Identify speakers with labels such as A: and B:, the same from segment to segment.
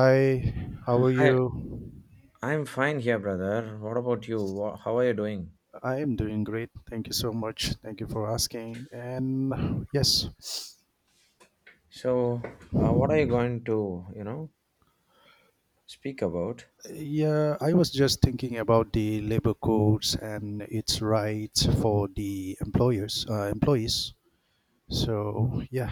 A: Hi, how are
B: Hi,
A: you?
B: I'm fine here, brother. What about you? How are you doing?
A: I am doing great. Thank you so much. Thank you for asking. And yes,
B: So, what are you going to, speak about?
A: yeah, I was just thinking about the labor codes and its rights for the employers, employees. So yeah,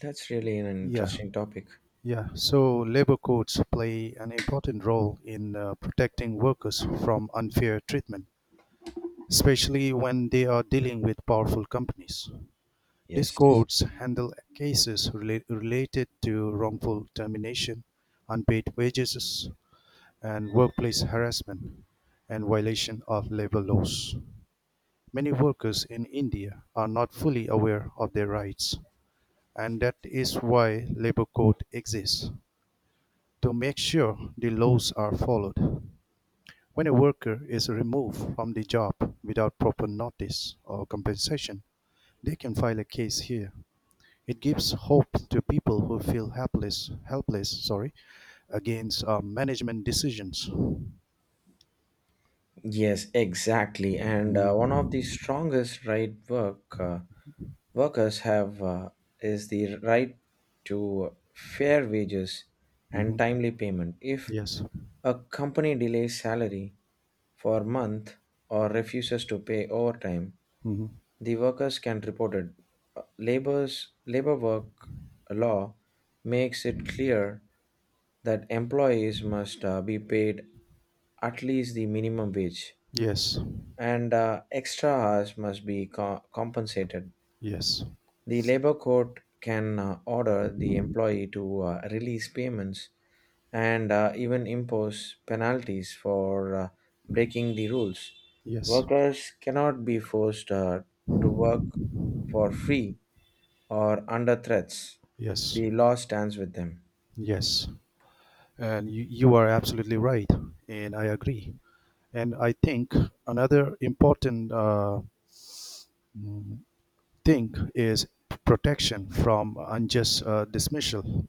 B: That's really an
A: yeah,
B: interesting topic.
A: yeah. So labor codes play an important role in protecting workers from unfair treatment, especially when they are dealing with powerful companies. These
B: Yes.
A: courts handle cases related to wrongful termination, unpaid wages, and workplace harassment and violation of labor laws. Many workers in India are not fully aware of their rights, and that is why labor code exists to make sure the laws are followed. When a worker is removed from the job without proper notice or compensation, they can file a case here. It gives hope to people who feel helpless, against management decisions.
B: Yes, exactly. And one of the
A: Mhm.
B: strongest workers have is the right to fair wages and
A: Mhm.
B: timely payment. If
A: Yes.
B: a company delays salary for a month or refuses to pay overtime,
A: Mhm.
B: the workers can report it. Labor's labor work law makes it clear that employees must be paid at least the minimum wage,
A: Yes.
B: and extra hours must be compensated.
A: Yes.
B: The labor court can order the employee to release payments, and even impose penalties for breaking the rules.
A: Yes.
B: Workers cannot be forced to work for free or under threats.
A: Yes.
B: The law stands with them.
A: Yes. And you are absolutely right. And I agree. And I think another important mm, thing is protection from unjust dismissal.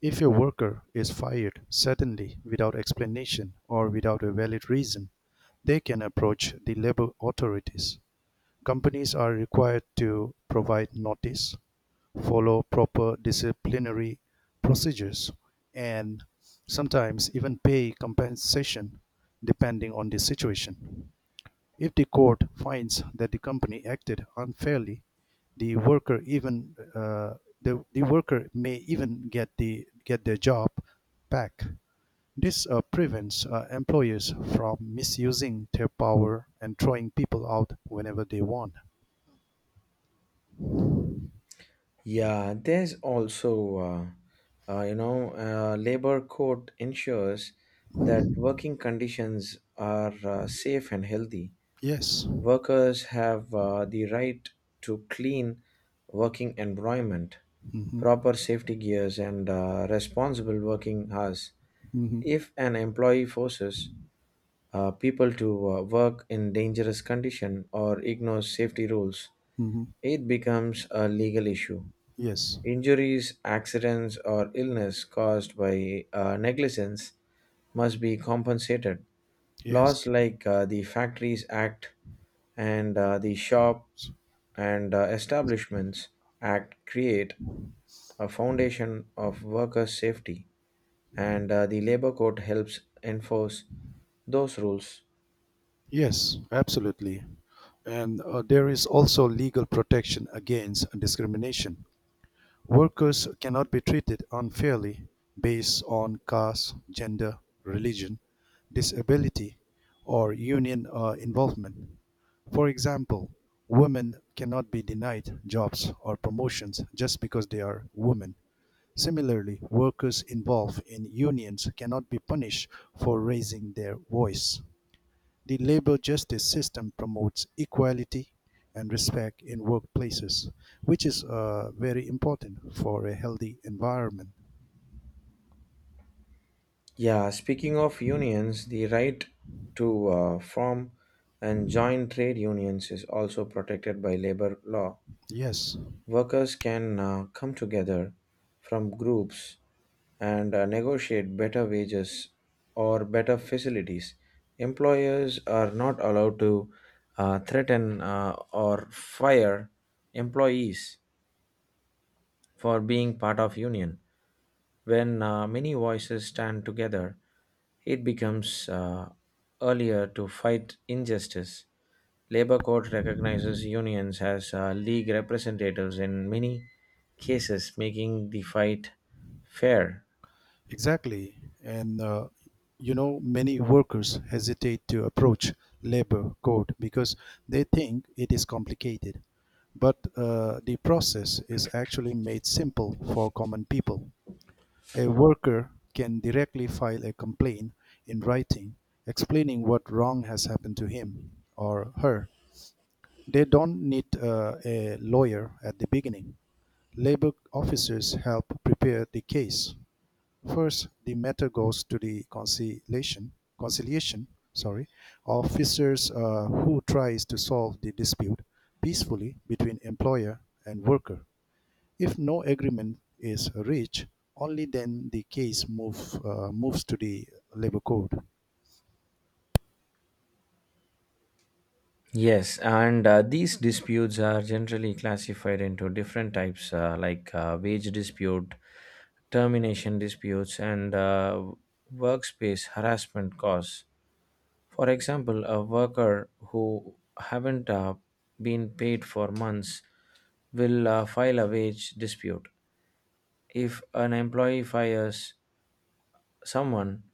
A: If a worker is fired suddenly without explanation or without a valid reason, they can approach the labor authorities. Companies are required to provide notice, follow proper disciplinary procedures, and sometimes even pay compensation depending on the situation. If the court finds that the company acted unfairly, the worker even uh, the worker may even get their job back. This prevents employers from misusing their power and throwing people out whenever they want.
B: Yeah, there's also, labor court ensures that working conditions are safe and healthy.
A: Yes.
B: Workers have the right to clean working environment,
A: Mm-hmm.
B: proper safety gears, and responsible working hours.
A: Mm-hmm.
B: If an employee forces people to work in dangerous condition or ignores safety rules,
A: Mm-hmm.
B: it becomes a legal issue.
A: Yes.
B: Injuries, accidents, or illness caused by negligence must be compensated.
A: Yes.
B: Laws like the Factories Act and the Shop and Establishments Act create a foundation of workers' safety, and the Labor Code helps enforce those rules.
A: Yes. Absolutely. And there is also legal protection against discrimination. Workers cannot be treated unfairly based on caste, gender, religion, disability, or union involvement. For example, women cannot be denied jobs or promotions just because they are women. Similarly, workers involved in unions cannot be punished for raising their voice. The labor justice system promotes equality and respect in workplaces, which is very important for a healthy environment.
B: Yeah, speaking of unions, the right to form and join trade unions is also protected by labor law.
A: Yes,
B: Workers can come together from groups and negotiate better wages or better facilities. Employers are not allowed to threaten or fire employees for being part of union. When many voices stand together, it becomes earlier to fight injustice. Labor Code recognizes unions as league representatives in many cases, making the fight fair.
A: exactly. And many workers hesitate to approach labor code because they think it is complicated. But the process is actually made simple for common people. A worker can directly file a complaint in writing, explaining what wrong has happened to him or her. They don't need a lawyer at the beginning. Labor officers help prepare the case. First, the matter goes to the conciliation conciliation sorry officers who tries to solve the dispute peacefully between employer and worker. If no agreement is reached, only then moves to the labor court.
B: Yes, and these disputes are generally classified into different types like wage dispute, termination disputes, and workspace harassment cause. For example, a worker who haven't been paid for months will file a wage dispute. If an employee fires someone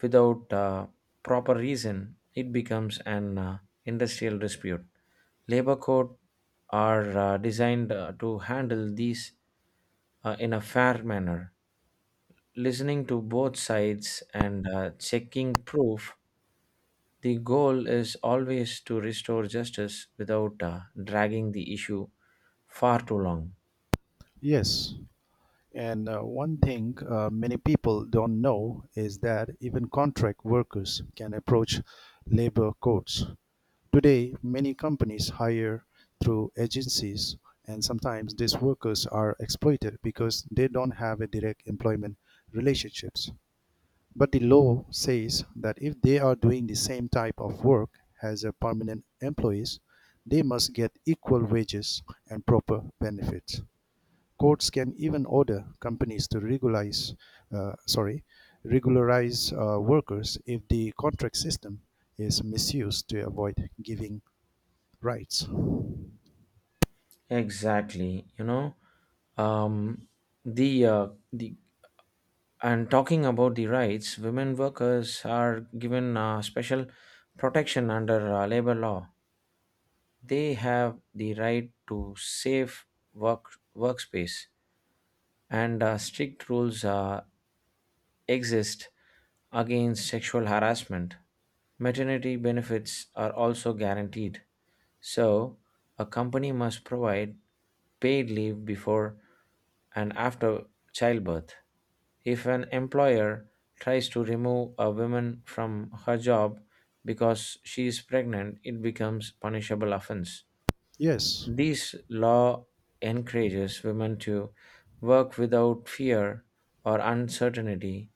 B: without proper reason, it becomes an industrial dispute. Labor code are designed to handle these in a fair manner. Listening to both sides and checking proof, the goal is always to restore justice without dragging the issue far too long.
A: Yes, and one thing many people don't know is that even contract workers can approach labor courts. Today, many companies hire through agencies, and sometimes these workers are exploited because they don't have a direct employment relationships. But the law says that if they are doing the same type of work as a permanent employees, they must get equal wages and proper benefits. Courts can even order companies to uh, sorry, regularize workers if the contract system is misused to avoid giving rights.
B: Exactly, you know, um, the uh, the and talking about the rights, women workers are given special protection under labor law. They have the right to safe workspace, and strict rules exist against sexual harassment. Maternity benefits are also guaranteed. So, a company must provide paid leave before and after childbirth. If an employer tries to remove a woman from her job because she is pregnant, it becomes punishable offense.
A: Yes,
B: This law encourages women to work without fear or uncertainty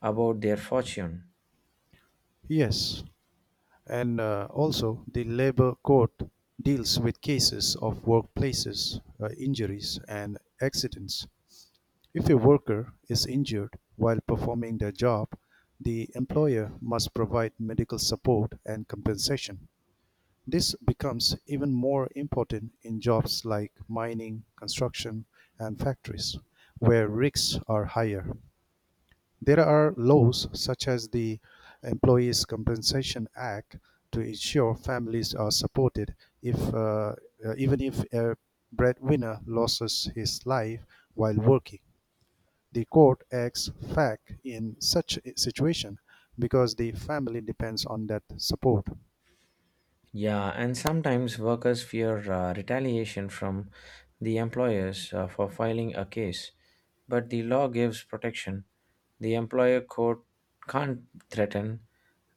B: about their fortune.
A: yes. And also, the labor court deals with cases of workplaces, injuries, and accidents. If a worker is injured while performing their job, the employer must provide medical support and compensation. This becomes even more important in jobs like mining, construction, and factories, where risks are higher. There are laws such as the Employees Compensation Act to ensure families are supported if, even if a breadwinner loses his life while working. The court acts "fac" in such a situation because the family depends on that support.
B: Yeah, and sometimes workers fear retaliation from the employers for filing a case, but the law gives protection. The employer court can't threaten,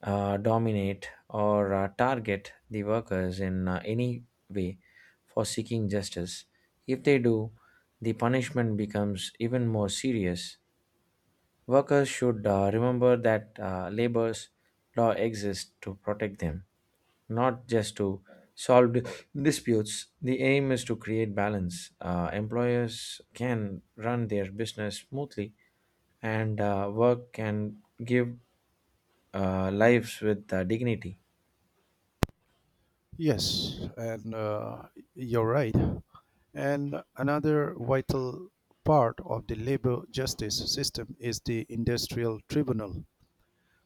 B: dominate, or target the workers in any way for seeking justice. If they do, the punishment becomes even more serious. Workers should remember that labor's law exists to protect them, not just to solve disputes. The aim is to create balance. Employers can run their business smoothly, and work can give lives with dignity.
A: Yes, and you're right. And another vital part of the labor justice system is the industrial tribunal.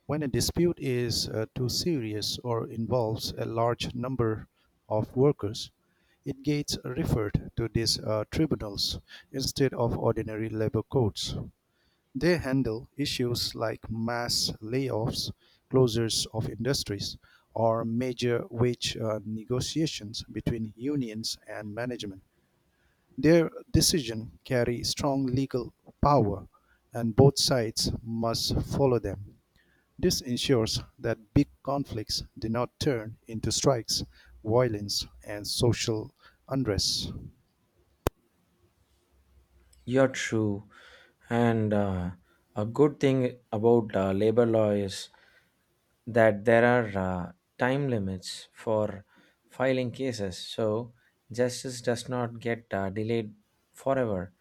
A: When a dispute is too serious or involves a large number of workers, it gets referred to these tribunals instead of ordinary labor courts. They handle issues like mass layoffs, closures of industries, or major wage negotiations between unions and management. Their decisions carry strong legal power, and both sides must follow them. This ensures that big conflicts do not turn into strikes, violence, and social unrest.
B: You're true, and a good thing about labor law is that there are time limits for filing cases, so justice does not get delayed forever.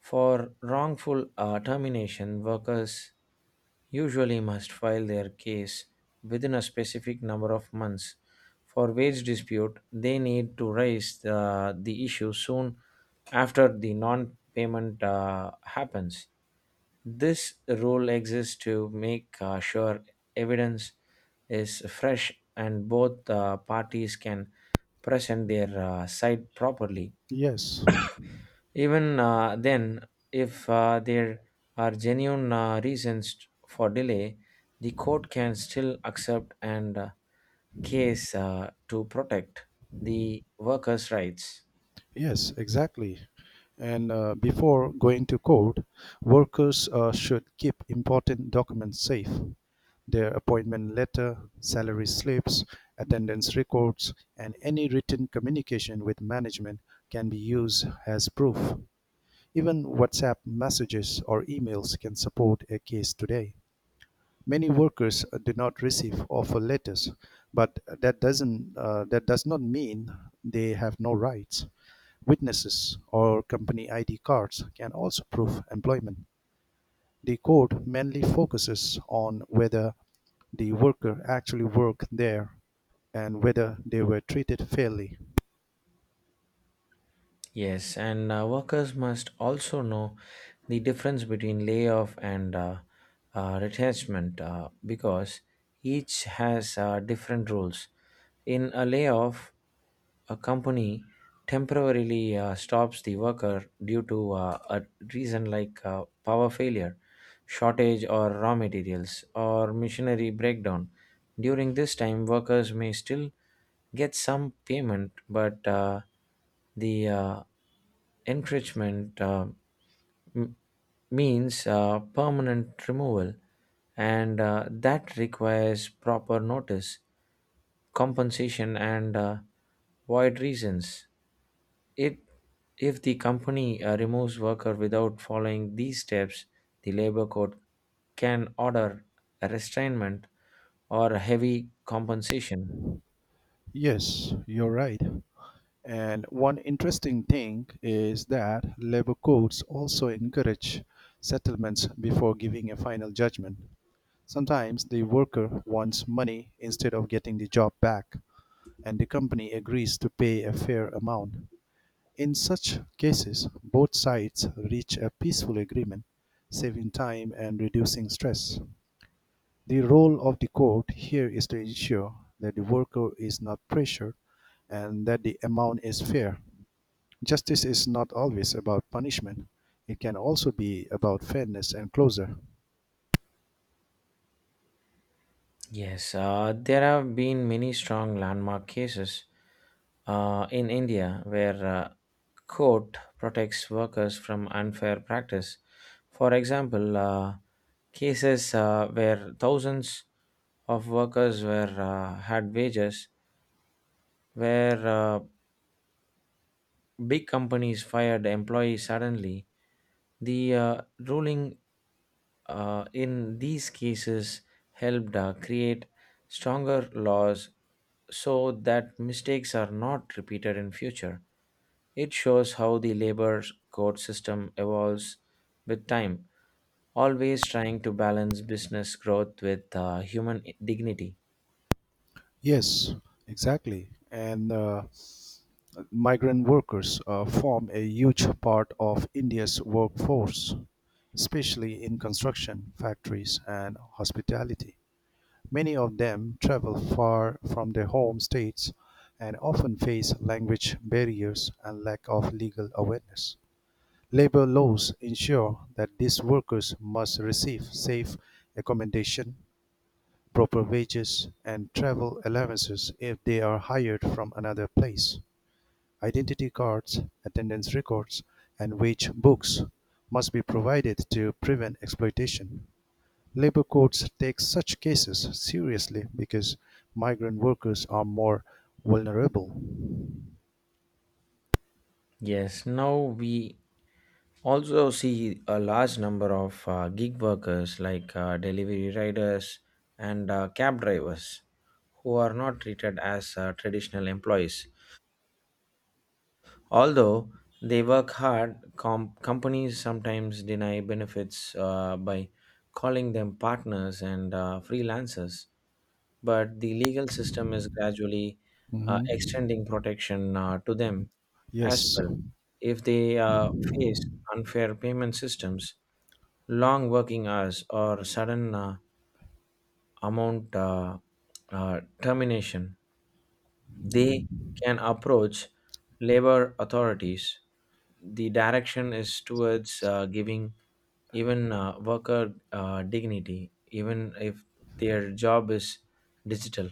B: For wrongful termination, workers usually must file their case within a specific number of months. For wage dispute, they need to raise the issue soon after the non payment happens. This rule exists to make sure evidence is fresh and both parties can present their side properly.
A: Yes.
B: Even then, if there are genuine reasons for delay, the court can still accept and case to protect the workers' rights.
A: Yes, exactly. And before going to court, workers should keep important documents safe: their appointment letter, salary slips, attendance records, and any written communication with management can be used as proof. Even WhatsApp messages or emails can support a case today. Many workers do not receive offer letters, but that does not mean they have no rights. Witnesses or company id cards can also prove employment. The code mainly focuses on whether the worker actually worked there and whether they were treated fairly.
B: Yes, and workers must also know the difference between layoff and retrenchment because each has different rules. In a layoff, a company temporarily stops the worker due to a reason like power failure, shortage or raw materials or machinery breakdown. During this time, workers may still get some payment, but the encouragement. M- Means permanent removal, and that requires proper notice, compensation, and void reasons. It if the company removes worker without following these steps, the labor code can order a restrainment or a heavy compensation.
A: Yes, you're right. And one interesting thing is that labor courts also encourage settlements before giving a final judgment. Sometimes the worker wants money instead of getting the job back, and the company agrees to pay a fair amount. In such cases, both sides reach a peaceful agreement, saving time and reducing stress. The role of the court here is to ensure that the worker is not pressured and that the amount is fair. Justice is not always about punishment. It can also be about fairness and closure.
B: Yes, there have been many strong landmark cases in India where court protects workers from unfair practice. For example, cases where thousands of workers were had wages, where big companies fired employees suddenly. The ruling in these cases helped create stronger laws so that mistakes are not repeated in future. It shows how the labor code system evolves with time, always trying to balance business growth with human dignity.
A: Yes, exactly. And migrant workers form a huge part of India's workforce, especially in construction, factories, and hospitality. Many of them travel far from their home states and often face language barriers and lack of legal awareness. Labor laws ensure that these workers must receive safe accommodation, proper wages, and travel allowances if they are hired from another place. Identity cards, attendance records, and wage books must be provided to prevent exploitation. Labor courts take such cases seriously because migrant workers are more vulnerable.
B: Yes, now we also see a large number of gig workers like delivery riders and cab drivers who are not treated as traditional employees. Although they work hard, companies sometimes deny benefits by calling them partners and freelancers. But the legal system is gradually
A: Mhm.
B: extending protection to them as
A: Yes,
B: well. If they face unfair payment systems, long working hours, or sudden amount termination, they can approach labor authorities. The direction is towards giving even worker dignity even if their job is digital.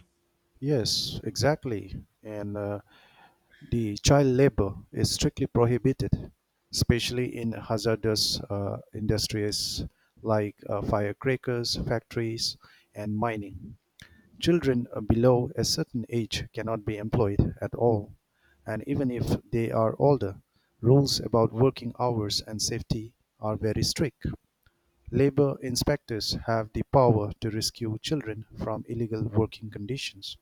A: yes, exactly. And the child labor is strictly prohibited, especially in hazardous industries like firecrackers, factories, and mining. Children below a certain age cannot be employed at all, and even if they are older, rules about working hours and safety are very strict. Labor inspectors have the power to rescue children from illegal working conditions.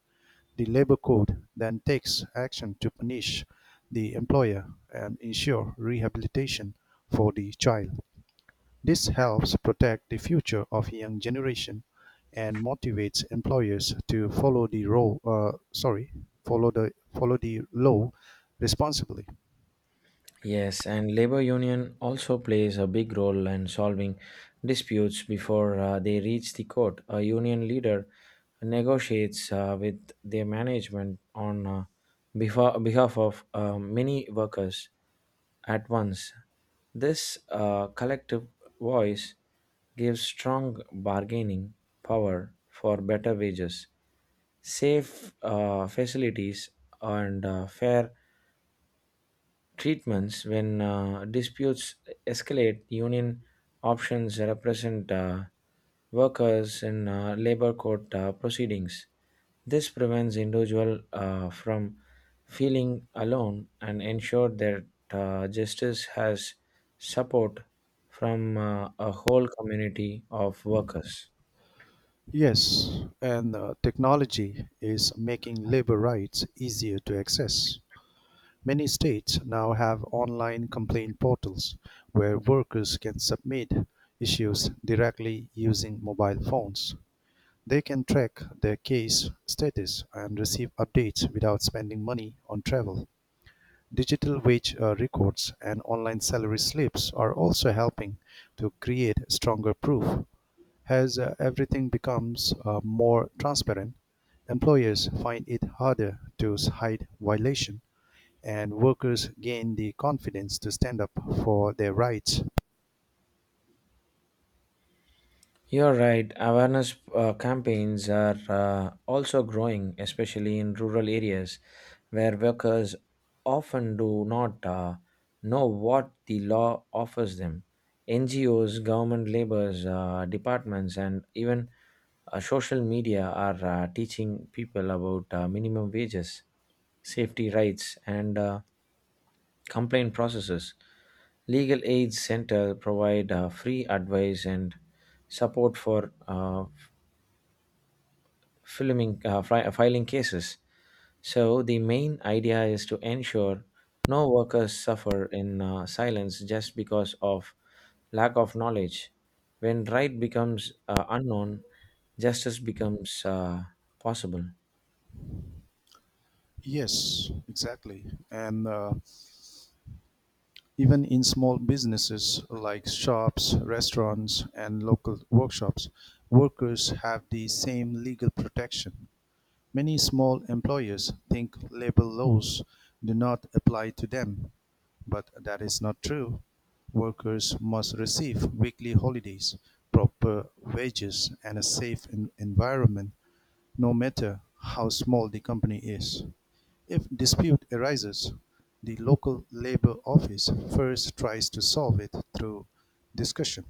A: The labor code then takes action to punish the employer and ensure rehabilitation for the child. This helps protect the future of young generation and motivates employers to follow the role, sorry, follow the law responsibly.
B: Yes, and labor union also plays a big role in solving disputes before they reach the court. A union leader negotiates with their management on behalf of many workers at once. This collective voice gives strong bargaining power for better wages, safe facilities, and fair treatments. When disputes escalate, union options represent workers in labor court proceedings. This prevents individual from feeling alone and ensure that justice has support from a whole community of workers.
A: Yes, and technology is making labor rights easier to access. Many states now have online complaint portals where workers can submit issues directly using mobile phones. They can track their case status and receive updates without spending money on travel. Digital wage records and online salary slips are also helping to create stronger proof. As everything becomes more transparent, employers find it harder to hide violation and workers gain the confidence to stand up for their rights.
B: You're right. Awareness campaigns are also growing, especially in rural areas where workers often do not know what the law offers them. NGOs, government labors departments, and even social media are teaching people about minimum wages, safety rights, and complaint processes. Legal Aid Center provide free advice and support for filing cases. So the main idea is to ensure no workers suffer in silence just because of lack of knowledge. When right becomes unknown, justice becomes possible.
A: Yes, exactly. And even in small businesses like shops, restaurants, and local workshops, workers have the same legal protection. Many small employers think labor laws do not apply to them, but that is not true. Workers must receive weekly holidays, proper wages, and a safe environment, no matter how small the company is. If dispute arises, the local labor office first tries to solve it through discussion.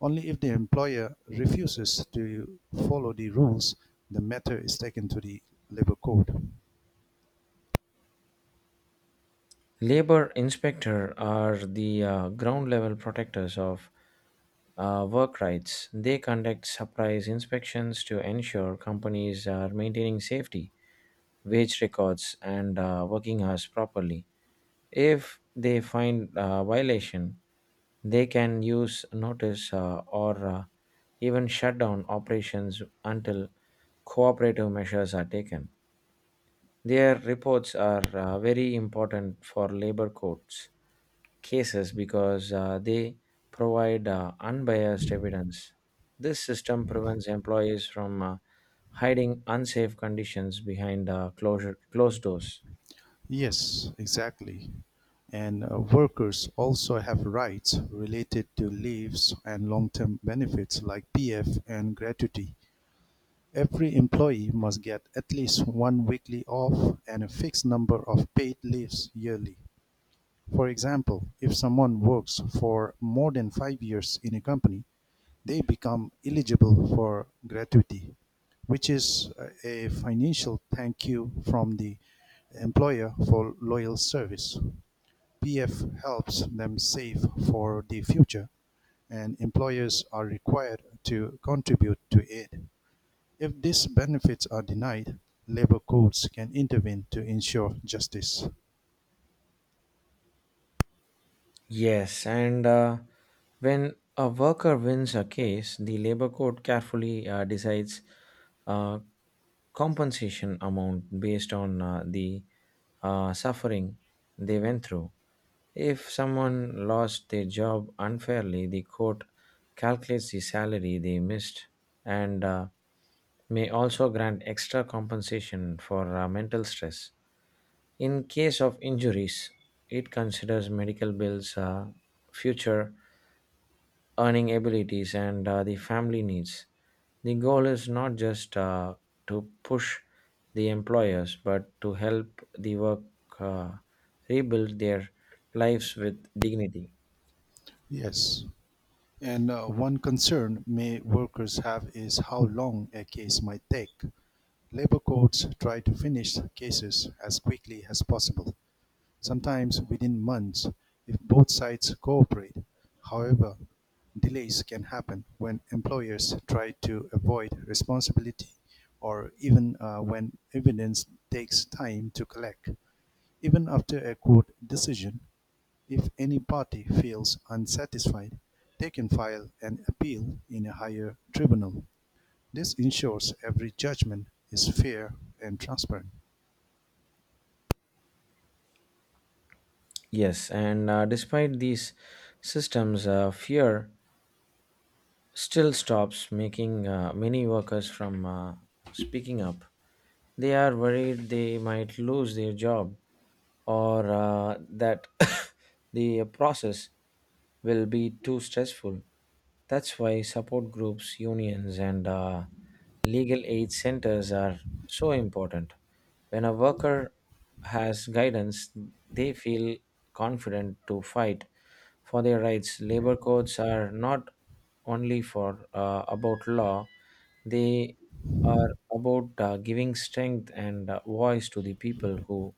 A: Only if the employer refuses to follow the rules, the matter is taken to the labor court.
B: Labor inspector are the ground level protectors of work rights. They conduct surprise inspections to ensure companies are maintaining safety, wage records, and working hours properly. If they find violation, they can use notice or even shut down operations until cooperative measures are taken. Their reports are very important for labor courts cases because they provide unbiased evidence. This system prevents employees from hiding unsafe conditions behind closed doors.
A: Yes, exactly. And workers also have rights related to leaves and long term benefits like PF and gratuity. Every employee must get at least one weekly off and a fixed number of paid leaves yearly. For example, if someone works for more than 5 years in a company, they become eligible for gratuity, which is a financial thank you from the employer for loyal service. PF helps them save for the future, and employers are required to contribute to it. If these benefits are denied, labor courts can intervene to ensure justice.
B: Yes, and when a worker wins a case, the labor court carefully decides uh, compensation amount based on the suffering they went through. If someone lost their job unfairly, the court calculates the salary they missed, and may also grant extra compensation for mental stress. In case of injuries, it considers medical bills, future earning abilities, and the family needs. The goal is not just to push the employers, but to help the work uh, rebuild their lives with dignity.
A: Yes. And one concern may workers have is how long a case might take. Labor courts try to finish cases as quickly as possible, sometimes within months if both sides cooperate. However, delays can happen when employers try to avoid responsibility or even when evidence takes time to collect. Even after a court decision, if any party feels unsatisfied, they can file an appeal in a higher tribunal. This ensures every judgment is fair and transparent.
B: Yes, and despite these systems, fear still stops making many workers from speaking up. They are worried they might lose their job or that the process will be too stressful. That's why support groups, unions, and legal aid centers are so important. When a worker has guidance, they feel confident to fight for their rights. Labor codes are not only for about law; they are about giving strength and voice to the people who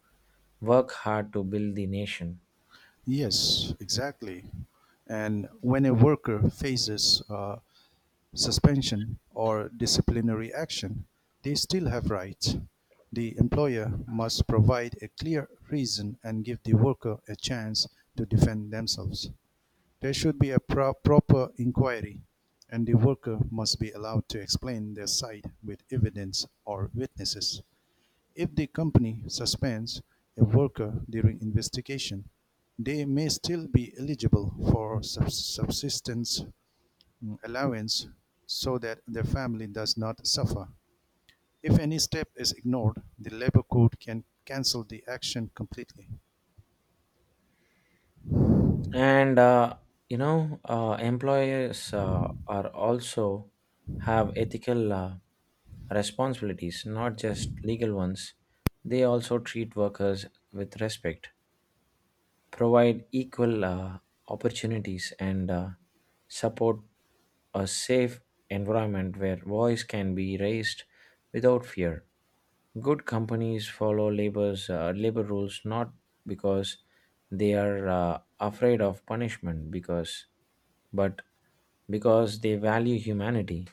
B: work hard to build the nation.
A: Yes, exactly. And when a worker faces suspension or disciplinary action, they still have rights. The employer must provide a clear reason and give the worker a chance to defend themselves. There should be a proper inquiry, and the worker must be allowed to explain their side with evidence or witnesses. If the company suspends a worker during investigation, they may still be eligible for subsistence allowance so that their family does not suffer. If any step is ignored, the labor code can cancel the action completely.
B: And employers are also have ethical responsibilities, not just legal ones. They also treat workers with respect, provide equal opportunities and support a safe environment where voice can be raised without fear. Good companies follow labor rules not because they are afraid of punishment because but because they value humanity.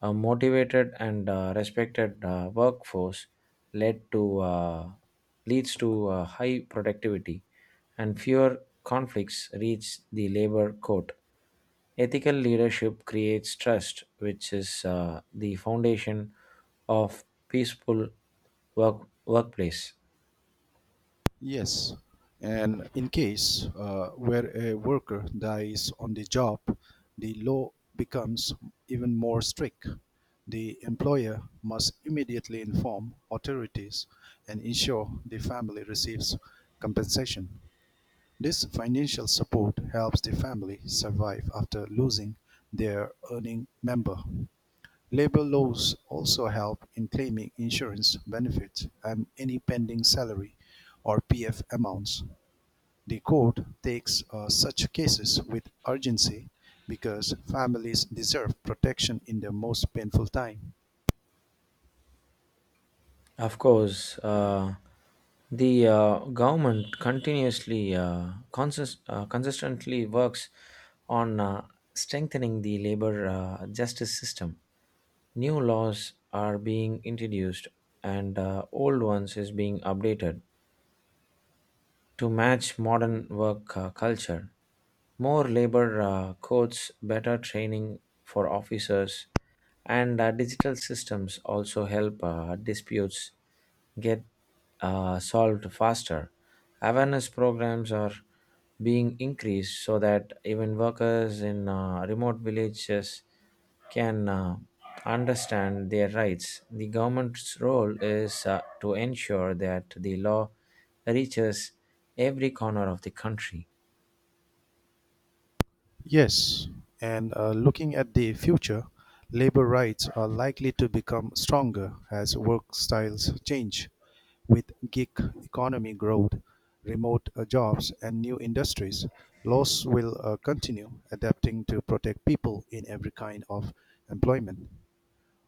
B: A motivated and respected workforce led to leads to high productivity and fewer conflicts reach the labor court. Ethical leadership creates trust, which is the foundation of peaceful workplace.
A: Yes, and in case where a worker dies on the job, the law becomes even more strict. The employer must immediately inform authorities and ensure the family receives compensation. This financial support helps the family survive after losing their earning member. Labor laws also help in claiming insurance benefits and any pending salary or PF amounts. The court takes such cases with urgency because families deserve protection in their most painful time.
B: Of course, the government consistently works on strengthening the labor justice system. New laws are being introduced, and old ones is being updated to match modern work culture. More labor codes, better training for officers, and digital systems also help disputes get solved faster. Awareness programs are being increased so that even workers in remote villages can understand their rights. The government's role is to ensure that the law reaches every corner of the country.
A: Yes, and looking at the future, labor rights are likely to become stronger as work styles change with gig economy growth, remote jobs, and new industries. Laws will continue adapting to protect people in every kind of employment.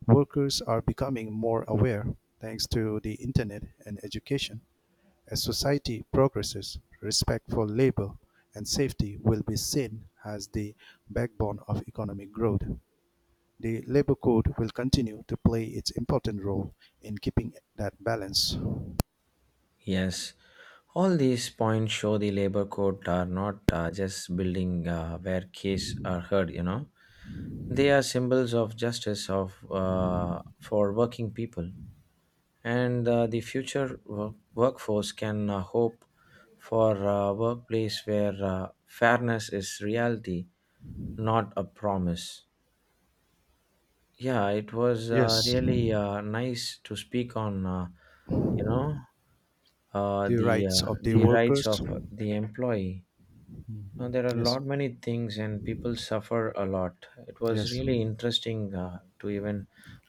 A: Workers are becoming more aware thanks to the internet and education. As society progresses, respect for labor and safety will be seen as the backbone of economic growth. The labor code will continue to play its important role in keeping that balance.
B: Yes, all these points show the labor code are not just building where cases are heard, you know. They are symbols of justice of for working people, and the future workforce can hope for a workplace where fairness is reality, not a promise. Yeah, it was
A: Yes,
B: really nice to speak on, you know,
A: the rights of the
B: the rights of
A: workers.
B: the employee. Now, there are a
A: Yes,
B: lot many things, and people suffer a lot. It was
A: yes,
B: really interesting to even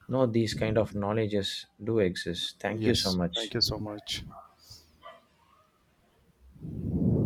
B: know these kind of knowledges do exist. Thank you so
A: yes.
B: much.
A: Thank you so much.